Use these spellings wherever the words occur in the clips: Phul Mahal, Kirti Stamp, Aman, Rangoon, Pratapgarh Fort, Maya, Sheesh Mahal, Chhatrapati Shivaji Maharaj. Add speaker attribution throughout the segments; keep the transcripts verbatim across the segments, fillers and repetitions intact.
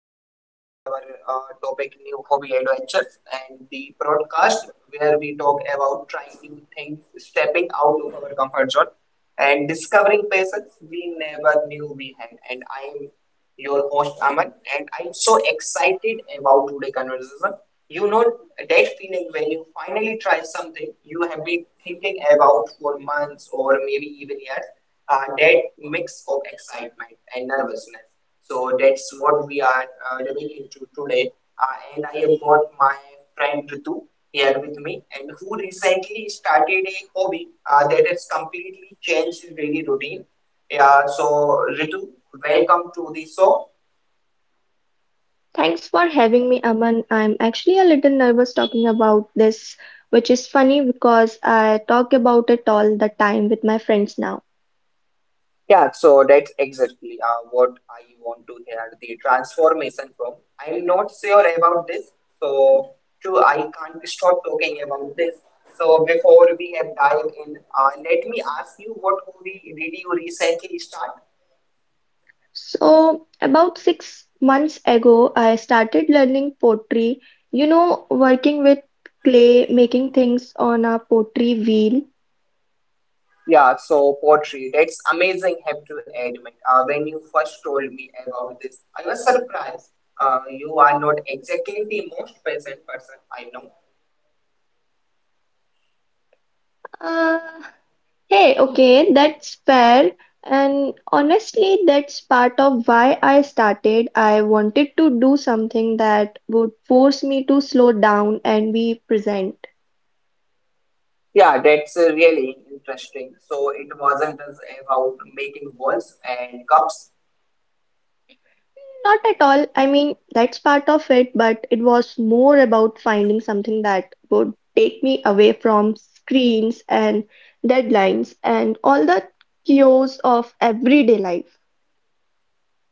Speaker 1: welcome to the our uh, topic new hobby adventures and the broadcast where we talk about trying new things, stepping out of our comfort zone, and discovering passions we never knew we had. And I am your host Aman, and I'm so excited about today's conversation. You know that feeling when you finally try something you have been thinking about for months or maybe even years. Uh, that mix of excitement and nervousness, so that's what we are uh, diving into today. Uh, and I have got my friend Ritu here with me, and who recently started a hobby uh, that has completely changed his daily routine. Yeah, so Ritu, welcome to the show.
Speaker 2: Thanks for having me, Aman. I'm actually a little nervous talking about this, which is funny because I talk about it all the time with my friends now.
Speaker 1: Yeah, so that's exactly uh, what I want to hear, the transformation from I'm not sure about this, so true, I can't stop talking about this. So before we have dive in, uh, let me ask you, what movie did you recently start?
Speaker 2: So, about six months ago, I started learning pottery, you know, working with clay, making things on a pottery wheel.
Speaker 1: Yeah, so poetry. That's amazing, have to admit. Uh, when you first told me about this, I was surprised. Uh, you are not exactly the most patient person I know.
Speaker 2: Uh, Hey, okay, that's fair. And honestly, that's part of why I started. I wanted to do something that would force me to slow down and be present.
Speaker 1: Yeah, that's uh, really interesting. So it wasn't just about making balls and cups.
Speaker 2: Not at all. I mean, that's part of it, but it was more about finding something that would take me away from screens and deadlines and all the chaos of everyday life.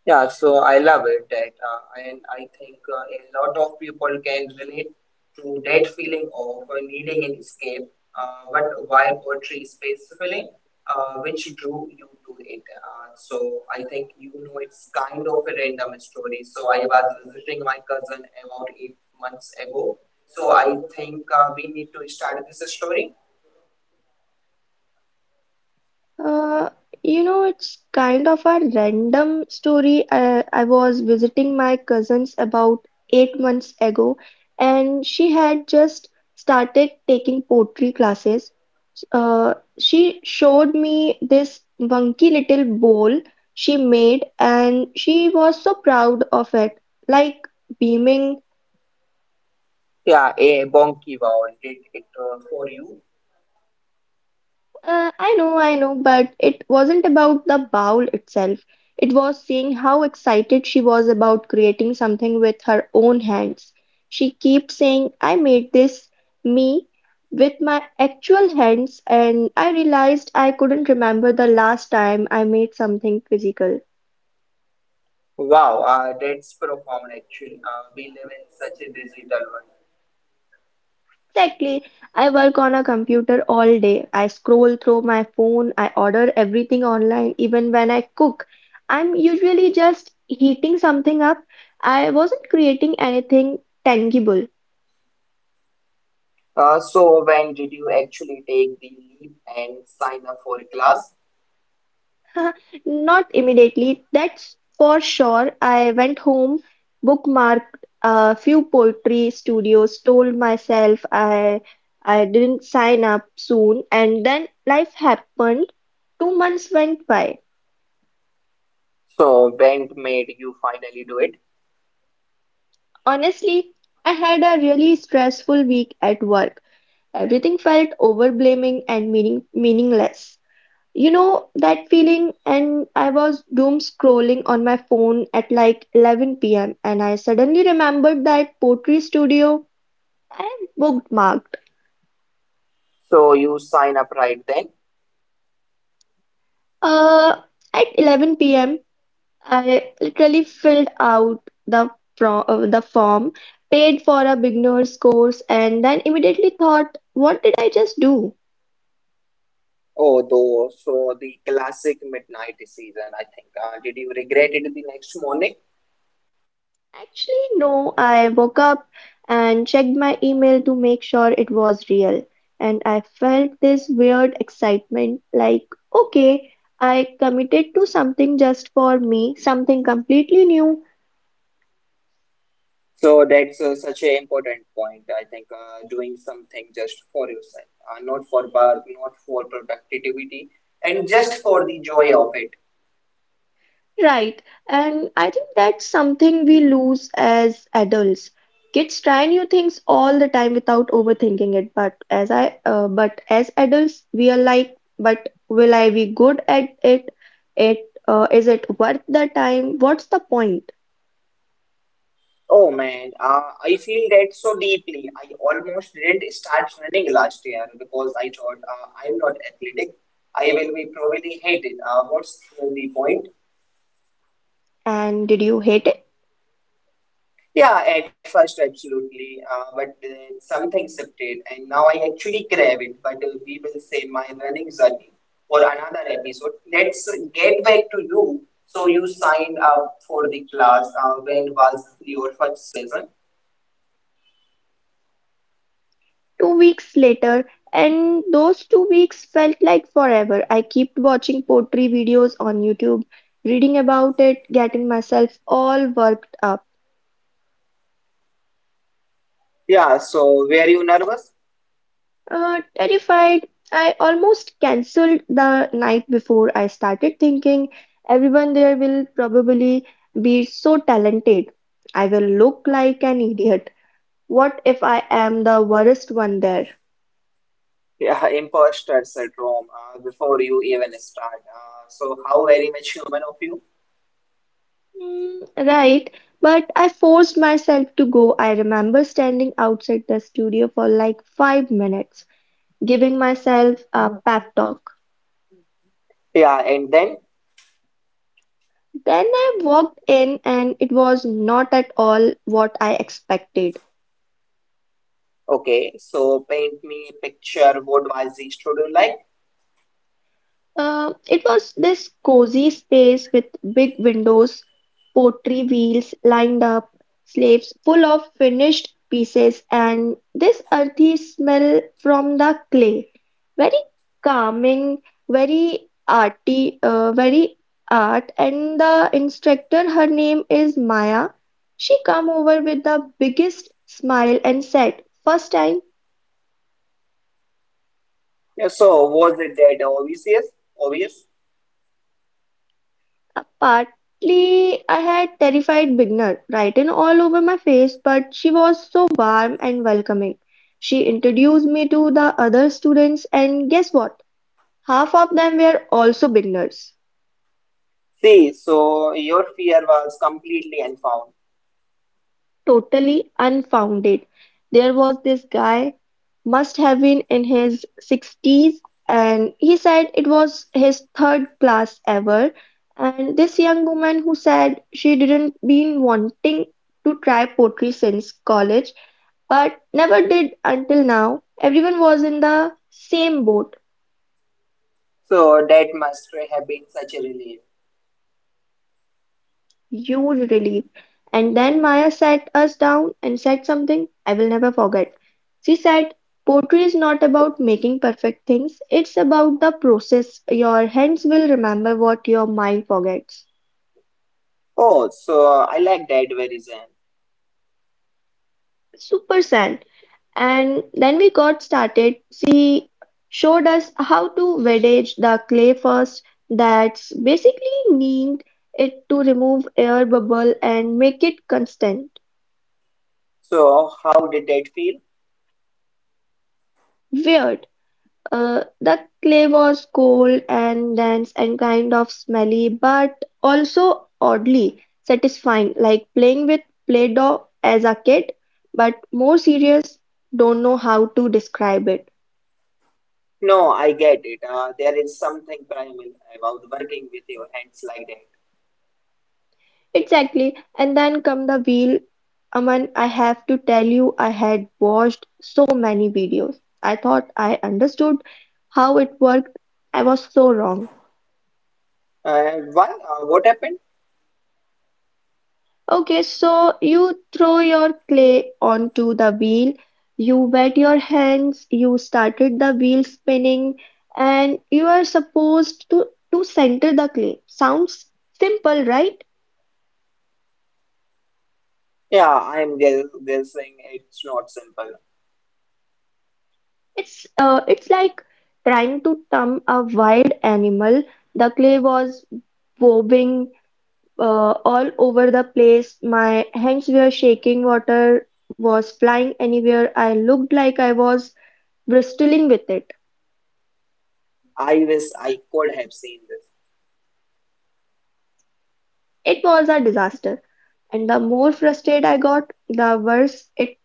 Speaker 1: Yeah, so I love it that, uh, and I think uh, a lot of people can relate to that feeling of uh, needing an escape. Uh, but why poetry specifically? Uh, which drew you to it? Uh, so I think you know it's kind of a random story. So I was visiting my cousin about eight months ago. So I think uh, we need to start this story.
Speaker 2: Uh, you know, it's kind of a random story. I, I was visiting my cousins about eight months ago, and she had just started taking poetry classes. Uh, she showed me this funky little bowl she made, and she was so proud of it, like beaming.
Speaker 1: Yeah, a bonky wow, did it uh, for you.
Speaker 2: Uh, I know, I know, but it wasn't about the bowl itself. It was seeing how excited she was about creating something with her own hands. She kept saying, I made this me with my actual hands, and I realized I couldn't remember the last time I made something physical.
Speaker 1: Wow, uh, that's profound actually. Uh, we live in such a digital world.
Speaker 2: Exactly. I work on a computer all day. I scroll through my phone. I order everything online, even when I cook. I'm usually just heating something up. I wasn't creating anything tangible.
Speaker 1: Uh, so when did you actually take the leap and sign up for a class?
Speaker 2: Not immediately, that's for sure. I went home, bookmarked a few poetry studios, told myself I I didn't sign up soon, and then life happened. Two months went by.
Speaker 1: So when made you finally do it?
Speaker 2: Honestly, I had a really stressful week at work. Everything felt overblaming and meaning meaningless. You know that feeling, and I was doom scrolling on my phone at like eleven p m and I suddenly remembered that pottery studio I bookmarked.
Speaker 1: So you sign up right then?
Speaker 2: Uh, at eleven p m, I literally filled out the from uh, the form, paid for a beginner's course, and then immediately thought, what did I just do?
Speaker 1: Oh, though, so the classic midnight decision, I think. Uh, did you regret it the next morning?
Speaker 2: Actually, no, I woke up and checked my email to make sure it was real. And I felt this weird excitement like, okay, I committed to something just for me, something completely new.
Speaker 1: So that's uh, such an important point. I think uh, doing something just for yourself, uh, not for work, not for productivity, and just for the joy of it.
Speaker 2: Right, and I think that's something we lose as adults. Kids try new things all the time without overthinking it, but as I uh, but as adults we are like, but will I be good at it? It uh, is it worth the time? What's the point?
Speaker 1: Oh man, uh, I feel that so deeply. I almost didn't start running last year because I thought uh, I'm not athletic. I will be probably hated. Uh, what's the point?
Speaker 2: And did you hate it?
Speaker 1: Yeah, at first, absolutely. Uh, but then something shifted, and now I actually crave it. But uh, we will save my running journey for another episode. Let's get back to you. So you signed up for the class. Uh, when was your first session?
Speaker 2: Two weeks later, and those two weeks felt like forever. I kept watching pottery videos on YouTube, reading about it, getting myself all worked up.
Speaker 1: Yeah. So were you nervous?
Speaker 2: Uh, terrified. I almost cancelled the night before. I started thinking everyone there will probably be so talented. I will look like an idiot. What if I am the worst one there?
Speaker 1: Yeah, imposter syndrome. Uh, before you even start. Uh, so how very much human of you?
Speaker 2: Mm, right, but I forced myself to go. I remember standing outside the studio for like five minutes, giving myself a pep talk.
Speaker 1: Yeah, and then
Speaker 2: Then I walked in, and it was not at all what I expected.
Speaker 1: okay. So paint me a picture. What was the studio like?
Speaker 2: Uh, it was this cozy space with big windows, pottery wheels lined up, slaves full of finished pieces, and this earthy smell from the clay. Very calming, very arty, uh, very art. And the instructor, her name is Maya. She come over with the biggest smile and said, "First time."
Speaker 1: Yeah, so was it that obvious? Yes. Obvious.
Speaker 2: Uh, Partly. I had terrified beginner written all over my face, but she was so warm and welcoming. She introduced me to the other students, and guess what? Half of them were also beginners,
Speaker 1: See, so your fear was completely unfound.
Speaker 2: totally unfounded. There was this guy, must have been in his sixties, and he said it was his third class ever. And this young woman who said she didn't been wanting to try poetry since college but never did until now. Everyone was in the same boat.
Speaker 1: So that must have been such a relief.
Speaker 2: Huge relief. And then Maya sat us down and said something I will never forget. She said, Poetry is not about making perfect things, it's about the process. Your hands will remember what your mind forgets.
Speaker 1: Oh, so I like that, very zen.
Speaker 2: Super sad. And then we got started. She showed us how to wedge the clay first. That's basically kneading it to remove air bubble and make it constant.
Speaker 1: So how did that feel?
Speaker 2: Weird. Uh, the clay was cold and dense and kind of smelly, but also oddly satisfying, like playing with Play-Doh as a kid, but more serious. Don't know how to describe it.
Speaker 1: No, I get it. Uh, there is something primal about working with your hands like that.
Speaker 2: Exactly, and then come the wheel. Aman, I have to tell you, I had watched so many videos. I thought I understood how it worked. I was so wrong.
Speaker 1: Uh, why? Uh, what happened?
Speaker 2: Okay, so you throw your clay onto the wheel, you wet your hands, you started the wheel spinning, and you are supposed to, to center the clay. Sounds simple, right?
Speaker 1: Yeah, I'm guess guessing it's not simple.
Speaker 2: It's uh, it's like trying to tame a wild animal. The clay was bobbing uh, all over the place. My hands were shaking. Water was flying anywhere. I looked like I was bristling with it.
Speaker 1: I wish I could have seen this.
Speaker 2: It was a disaster. And the more frustrated I got, the worse it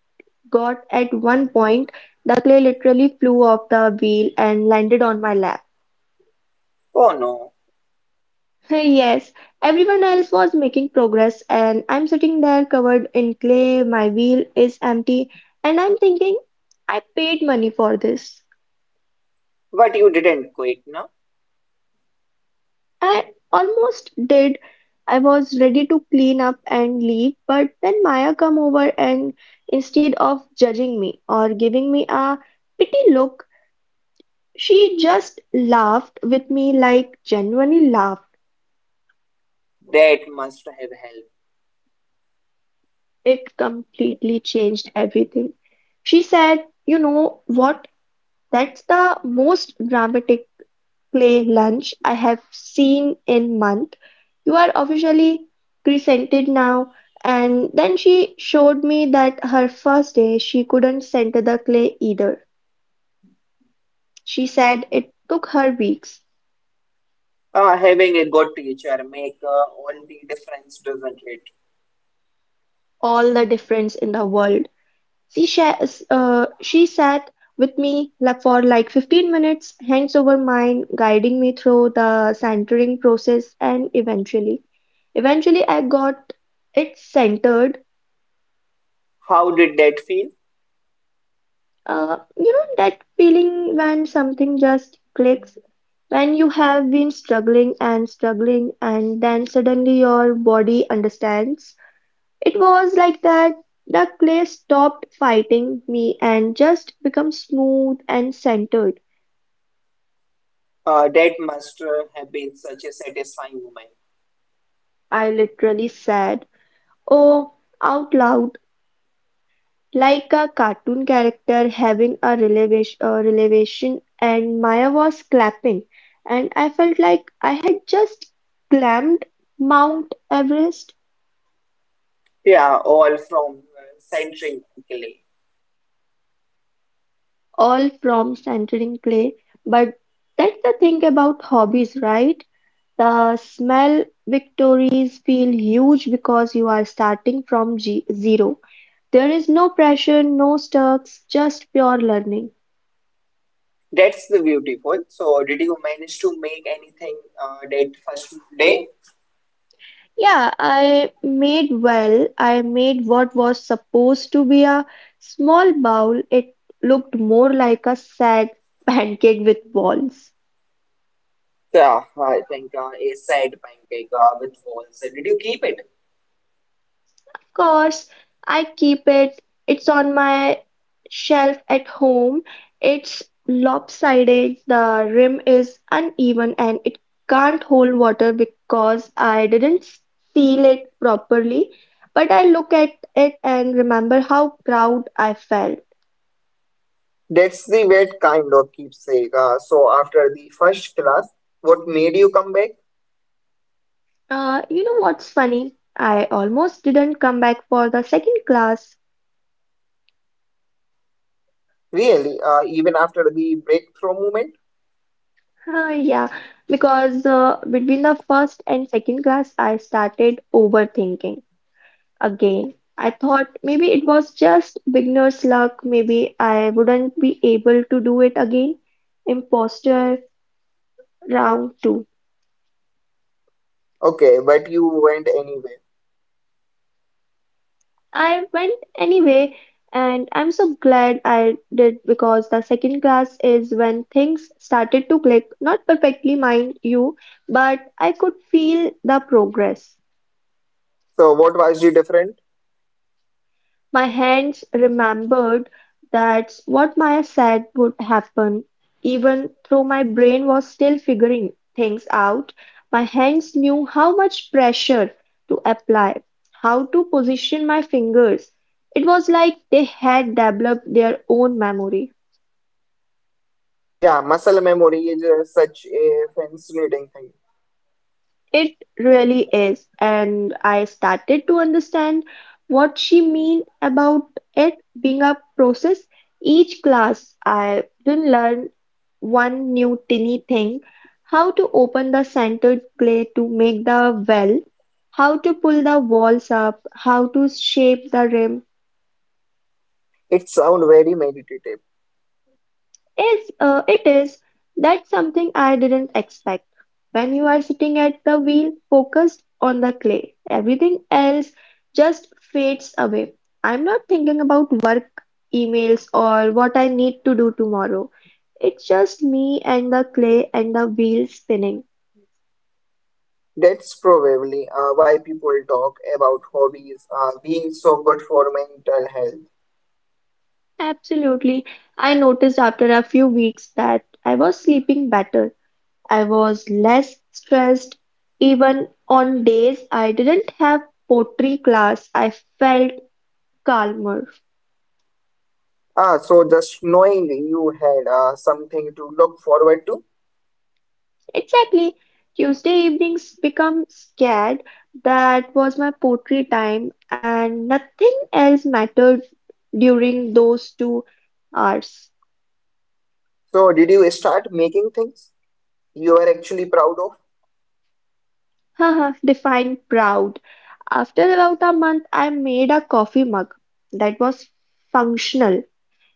Speaker 2: got. At one point, the clay literally flew off the wheel and landed on my lap.
Speaker 1: Oh no,
Speaker 2: Hey, yes, everyone else was making progress, and I'm sitting there covered in clay, my wheel is empty, and I'm thinking, I paid money for this.
Speaker 1: but you didn't quit, no?
Speaker 2: I almost did. I was ready to clean up and leave, but then Maya come over and instead of judging me or giving me a pity look, she just laughed with me like genuinely laughed.
Speaker 1: That must have helped.
Speaker 2: It completely changed everything. She said, You know what? That's the most dramatic play lunch I have seen in month. You are officially presented now. And then she showed me that her first day she couldn't center the clay either. She said it took her weeks.
Speaker 1: Uh, having a good teacher make uh, all the difference, doesn't it?
Speaker 2: All the difference in the world. She sha- uh, she sat with me la- for like fifteen minutes, hands over mine, guiding me through the centering process, and eventually, eventually I got it centered.
Speaker 1: How did that feel?
Speaker 2: Uh, you know that feeling when something just clicks, when you have been struggling and struggling, and then suddenly your body understands. It was like that. The clay stopped fighting me and just become smooth and centered.
Speaker 1: Uh, that must uh, have been such a satisfying moment.
Speaker 2: I literally said, oh, out loud, like a cartoon character having a relevation, a revelation, and Maya was clapping, and I felt like I had just climbed Mount Everest,
Speaker 1: Yeah, all from uh, centering Italy.
Speaker 2: all from centering clay. But that's the thing about hobbies, right? The smell victories feel huge because you are starting from G zero. There is no pressure, no stakes, just pure learning.
Speaker 1: That's the beautiful. So, did you manage to make anything uh, that first day?
Speaker 2: Yeah, I made well. I made what was supposed to be a small bowl. It looked more like a sad pancake with balls.
Speaker 1: Yeah, I think uh, a sad pancake uh, with walls. Did you keep it?
Speaker 2: Of course, I keep it. It's on my shelf at home. It's lopsided. The rim is uneven and it can't hold water because I didn't seal it properly. But I look at it and remember how proud I felt.
Speaker 1: That's the wet kind of keepsake. Uh, so, after the first class, what made you come back?
Speaker 2: Uh, you know what's funny? I almost didn't come back for the second class.
Speaker 1: Really, uh, even after the breakthrough moment?
Speaker 2: Uh, yeah, because uh, between the first and second class, I started overthinking again. I thought maybe it was just beginner's luck, maybe I wouldn't be able to do it again. Imposter round two.
Speaker 1: Okay, but you went anyway.
Speaker 2: I went anyway, and I'm so glad I did because the second class is when things started to click, not perfectly, mind you, but I could feel the progress.
Speaker 1: So what was the different?
Speaker 2: My hands remembered that's what Maya said would happen. Even though my brain was still figuring things out, my hands knew how much pressure to apply, how to position my fingers. It was like they had developed their own memory.
Speaker 1: Yeah, muscle memory is uh, such a fascinating thing.
Speaker 2: It really is, and I started to understand what she mean about it being a process. Each class, I didn't learn one new tiny thing, how to open the centered plate to make the well, how to pull the walls up, how to shape the rim.
Speaker 1: It sounds very meditative.
Speaker 2: Yes, uh, it is. That's something I didn't expect. When you are sitting at the wheel, focused on the clay, everything else just fades away. I'm not thinking about work, emails, or what I need to do tomorrow. It's just me and the clay and the wheel spinning.
Speaker 1: That's probably uh, why people talk about hobbies uh, being so good for mental health.
Speaker 2: Absolutely. I noticed after a few weeks that I was sleeping better. I was less stressed. Even on days I didn't have pottery class, I felt calmer.
Speaker 1: Ah, so just knowing you had uh, something to look forward to.
Speaker 2: Exactly. Tuesday evenings become scared. That was my poetry time, and nothing else mattered during those two hours.
Speaker 1: So did you start making things you are actually proud of?
Speaker 2: Haha, define proud. After about a month, I made a coffee mug that was functional.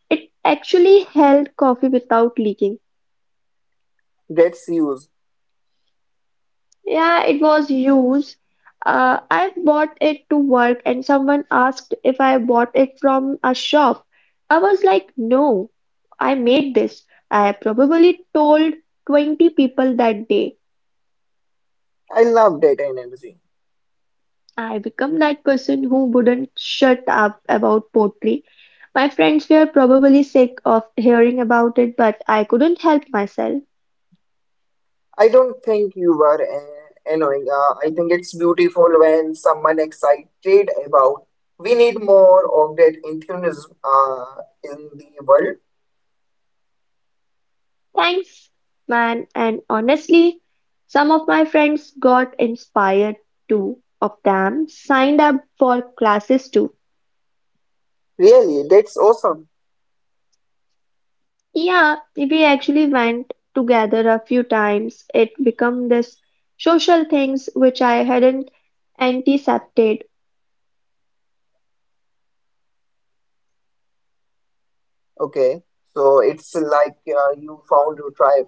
Speaker 2: It actually held coffee without leaking.
Speaker 1: That's use.
Speaker 2: Yeah, it was used. Uh, I bought it to work, and someone asked if I bought it from a shop. I was like, no, I made this. I probably told twenty people that day.
Speaker 1: I love that energy.
Speaker 2: I become that person who wouldn't shut up about pottery. My friends were probably sick of hearing about it, but I couldn't help myself.
Speaker 1: I don't think you were uh, annoying. Uh, I think it's beautiful when someone excited about we need more of that enthusiasm uh, in the world.
Speaker 2: Thanks, man, and honestly, some of my friends got inspired too. Of them signed up for classes too.
Speaker 1: Really, that's awesome.
Speaker 2: Yeah, we actually went together a few times. It become this social things which I hadn't anticipated
Speaker 1: Okay, so it's like uh, you found your tribe.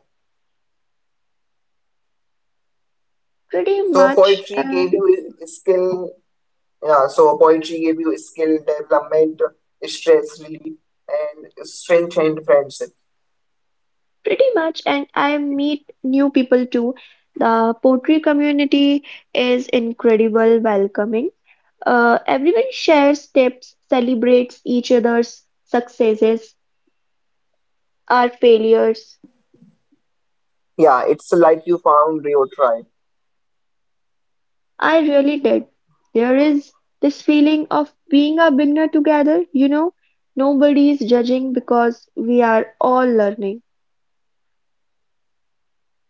Speaker 2: pretty
Speaker 1: So
Speaker 2: much.
Speaker 1: poetry
Speaker 2: Uh,
Speaker 1: gave you a skill. Yeah, so poetry gave you skill development, stress relief, and strengthened friendship.
Speaker 2: Pretty much, and I meet new people too. The poetry community is incredible, welcoming. Uh, everyone shares tips, celebrates each other's successes, our failures.
Speaker 1: Yeah, it's like you found your tribe.
Speaker 2: I really did. There is this feeling of being a beginner together, you know, nobody is judging because we are all learning.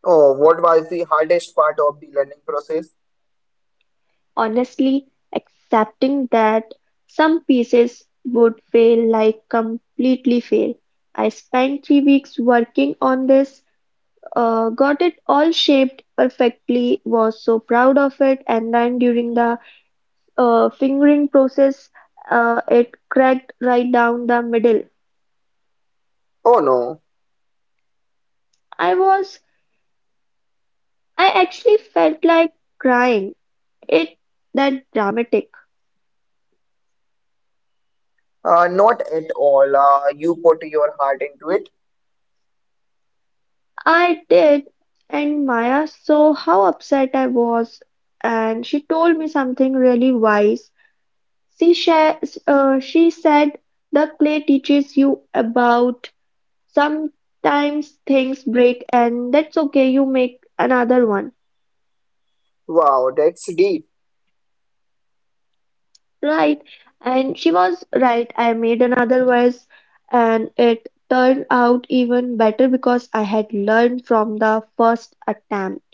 Speaker 1: Oh, what was the hardest part of the learning process?
Speaker 2: Honestly accepting that some pieces would fail like completely fail. I spent three weeks working on this, uh, got it all shaped perfectly, was so proud of it, and then during the uh, fingering process, uh, it cracked right down the middle.
Speaker 1: Oh no,
Speaker 2: I was, I actually felt like crying. It that dramatic.
Speaker 1: uh, not at all. Uh, you put your heart into it.
Speaker 2: I did, and Maya saw how upset I was, and she told me something really wise. She sha- uh, she said the clay teaches you about sometimes things break, and that's okay. You make another one,
Speaker 1: Wow, that's deep.
Speaker 2: right? And she was right. I made another vase, and it turned out even better because I had learned from the first attempt.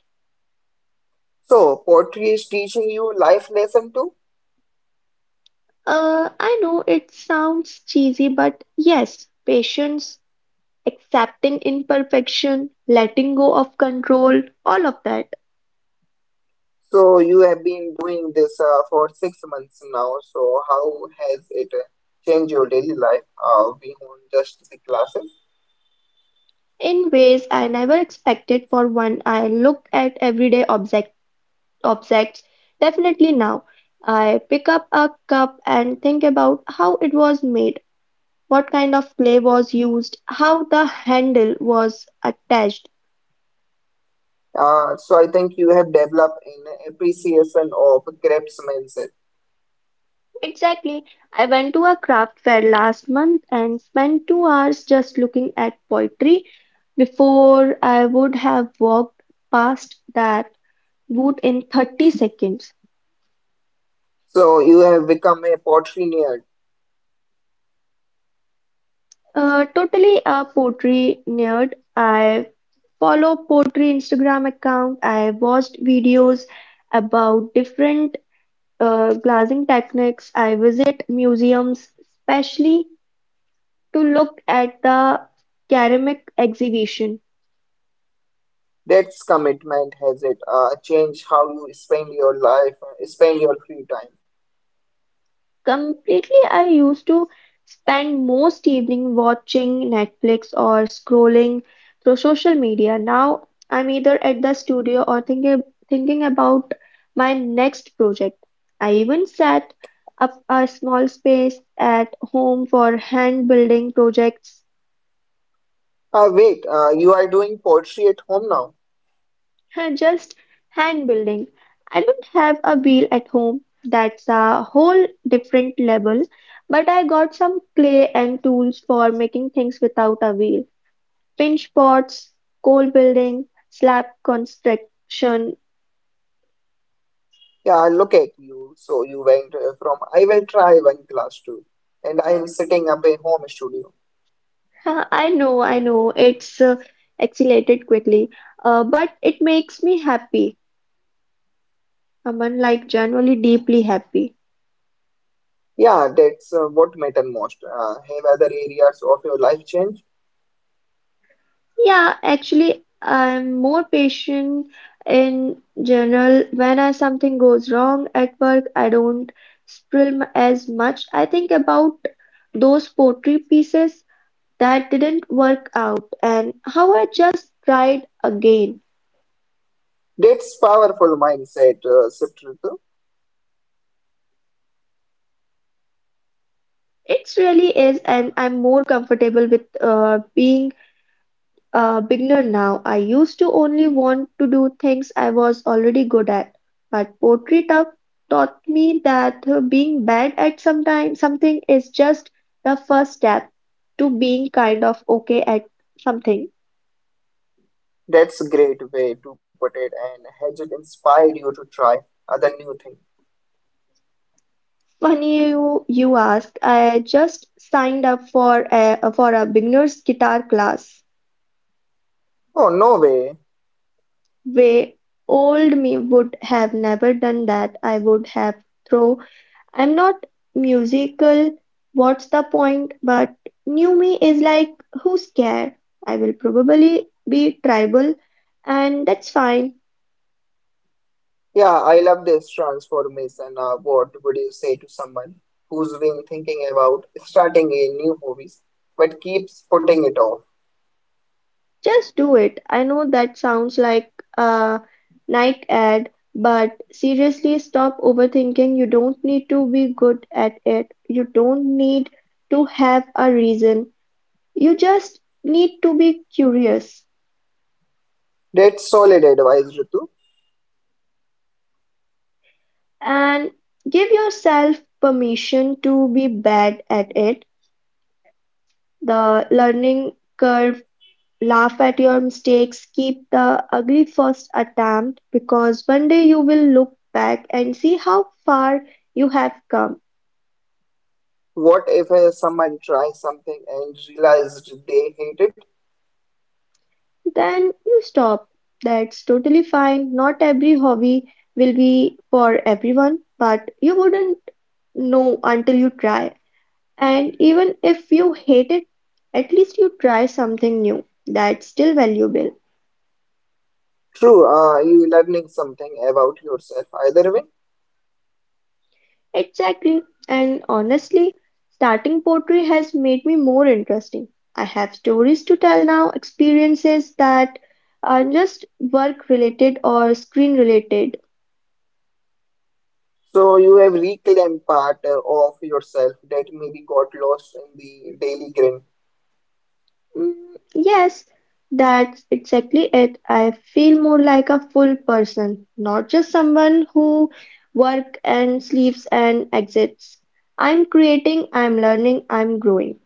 Speaker 1: So, poetry is teaching you life lesson too?
Speaker 2: Uh, I know it sounds cheesy, but yes, patience, accepting imperfection, letting go of control, all of that
Speaker 1: So, you have been doing this uh, for six months now. So, how has it uh, changed your daily life uh, beyond just the classes?
Speaker 2: in ways I never expected. For one, I look at everyday object, objects. Definitely now, I pick up a cup and think about how it was made, what kind of clay was used, how the handle was attached.
Speaker 1: Uh, so, I think you have developed an appreciation of craftsmanship.
Speaker 2: Exactly. I went to a craft fair last month and spent two hours just looking at pottery before I would have walked past that booth in thirty seconds.
Speaker 1: So, you have become a poetry nerd.
Speaker 2: Uh, totally a pottery nerd. I follow pottery Instagram account. I watched videos about different uh, glazing techniques. I visit museums, especially to look at the ceramic exhibition.
Speaker 1: That's commitment, has it? Uh, change how you spend your life, uh, spend your free time.
Speaker 2: Completely, I used to spend most evening watching Netflix or scrolling through social media. Now I'm either at the studio or thinking thinking about my next project. I even set up a small space at home for hand building projects.
Speaker 1: Uh, wait, uh, you are doing poetry at home now.
Speaker 2: And just hand building. I don't have a wheel at home. That's a whole different level. But I got some clay and tools for making things without a wheel. Pinch pots, coal building, slab construction.
Speaker 1: Yeah, look at you. So you went uh, from I will try one class to, and I am setting up a home studio.
Speaker 2: Huh, I know, I know. It's uh, accelerated quickly. Uh, but it makes me happy. Aman, like genuinely deeply happy.
Speaker 1: Yeah, that's uh, what matter most. Uh, have other areas of your life change.
Speaker 2: Yeah, actually, I'm more patient in general. When I, something goes wrong at work, I don't spill m- as much. I think about those poetry pieces that didn't work out and how I just tried again.
Speaker 1: That's powerful mindset, uh, shift, Ritu.
Speaker 2: It really is, and I'm more comfortable with uh, being a beginner now. I used to only want to do things I was already good at, but poetry ta- taught me that uh, being bad at sometime, something is just the first step to being kind of okay at something.
Speaker 1: That's a great way to put it, and has it inspired you to try other new things?
Speaker 2: Funny you you asked. I just signed up for a for a beginner's guitar class.
Speaker 1: Oh, no way.
Speaker 2: Way old me would have never done that. I would have thrown I'm not musical, what's the point, but new me is like, who's care? I will probably be tribal, and that's fine.
Speaker 1: Yeah, I love this transformation. Uh, what would you say to someone who's been thinking about starting a new hobby but keeps putting it off?
Speaker 2: Just do it. I know that sounds like a night ad, but seriously, stop overthinking. You don't need to be good at it. You don't need to have a reason. You just need to be curious
Speaker 1: That's solid advice, Ritu.
Speaker 2: and give yourself permission to be bad at it. The learning curve, laugh at your mistakes, keep the ugly first attempt because one day you will look back and see how far you have come.
Speaker 1: What if uh, someone tries something and realized they hate it?
Speaker 2: Then you stop. That's totally fine. Not every hobby will be for everyone, but you wouldn't know until you try. And even if you hate it, at least you try something new. That's still valuable.
Speaker 1: True, uh, you're learning something about yourself either way.
Speaker 2: Exactly. And honestly, starting poetry has made me more interesting. I have stories to tell now, experiences that are just work related or screen related.
Speaker 1: So you have reclaimed part uh, of yourself that maybe got lost in the daily grind.
Speaker 2: Mm, yes, that's exactly it. I feel more like a full person, not just someone who work and sleeps and exits. I'm creating, I'm learning, I'm growing.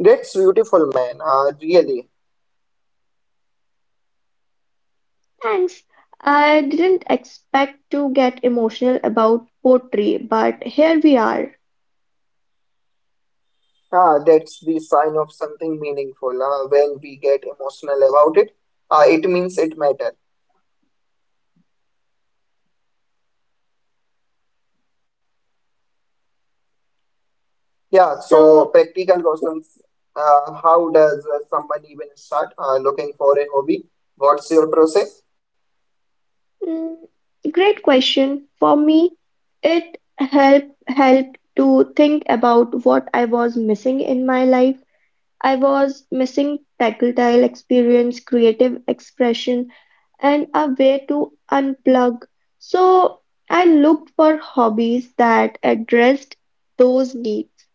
Speaker 1: That's beautiful, man. Uh, really.
Speaker 2: Thanks. I didn't expect to get emotional about poetry, but here we are.
Speaker 1: Ah, that's the sign of something meaningful. Uh, when we get emotional about it, uh, it means it matters. Yeah, so
Speaker 2: So,
Speaker 1: practical questions. Uh, how does uh, someone even start uh, looking for a hobby? What's your process?
Speaker 2: mm, great question. For me, it helped helped to think about what I was missing in my life. I was missing tactile experience, creative expression, and a way to unplug. So, I looked for hobbies that addressed those needs.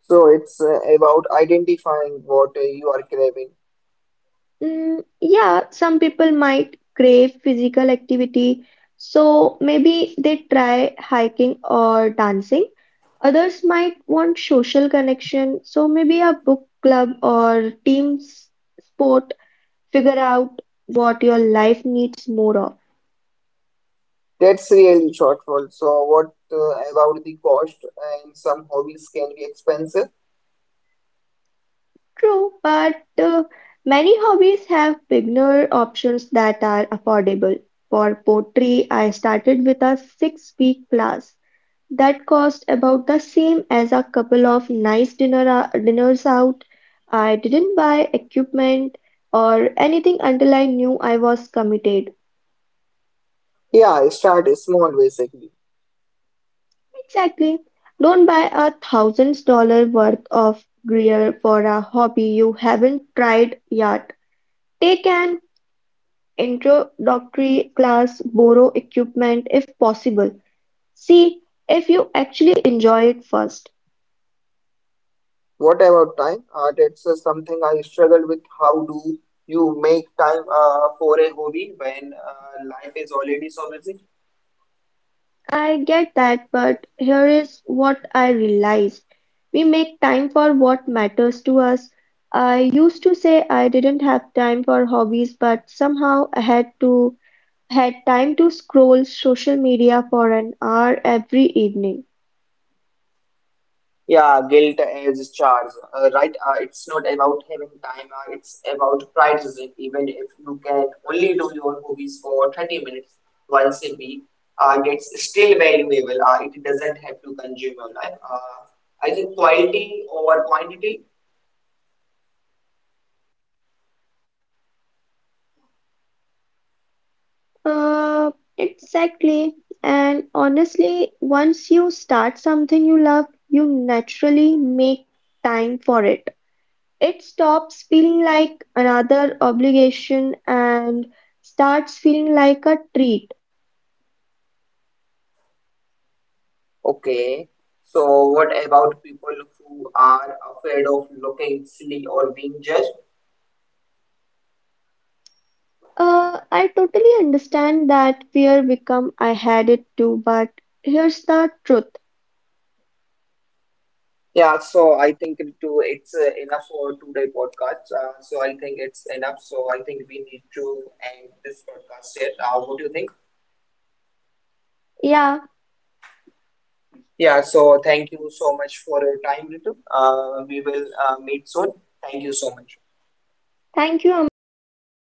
Speaker 1: So it's uh, about identifying what uh, you are craving.
Speaker 2: Mm, yeah, some people might crave physical activity, so maybe they try hiking or dancing. Others might want social connection, so maybe a book club or team s- sport. Figure out what your life needs more of.
Speaker 1: That's really thoughtful. So, what uh, about the cost? And some hobbies can be expensive.
Speaker 2: True, but uh, many hobbies have beginner options that are affordable. For pottery, I started with a six-week class. That cost about the same as a couple of nice dinner dinners out. I didn't buy equipment or anything until I knew I was committed.
Speaker 1: Yeah, start small basically.
Speaker 2: Exactly. Don't buy a thousand dollar worth of gear for a hobby you haven't tried yet. Take an introductory class, borrow equipment if possible. See if you actually enjoy it first.
Speaker 1: What about time? Uh, that's uh, something I struggle with. How do you make time uh, for a hobby when uh, life is already so busy?
Speaker 2: I get that, but here is what I realized. We make time for what matters to us. I used to say I didn't have time for hobbies, but somehow I had to had time to scroll social media for an hour every evening.
Speaker 1: Yeah, guilt is charge, uh, right? Uh, it's not about having time, uh, it's about prioritizing. Even if you can only do your movies for thirty minutes once a week, uh, it's still valuable. Uh, it doesn't have to consume your life. Uh, I think quality over quantity.
Speaker 2: Uh, exactly. And honestly, once you start something you love, you naturally make time for it. It stops feeling like another obligation and starts feeling like a treat.
Speaker 1: Okay, so what about people who are afraid of looking silly or being judged?
Speaker 2: Uh, I totally understand that fear become I had it too, but here's the truth.
Speaker 1: Yeah, so I think it too, it's uh, enough for today podcast. Uh, so I think it's enough. So I think we need to end this podcast here. Uh, what do you think?
Speaker 2: Yeah,
Speaker 1: Yeah, so thank you so much for your time, Ritu. Uh, we will uh, meet soon. Thank you so much.
Speaker 2: thank you, Aman. Nice.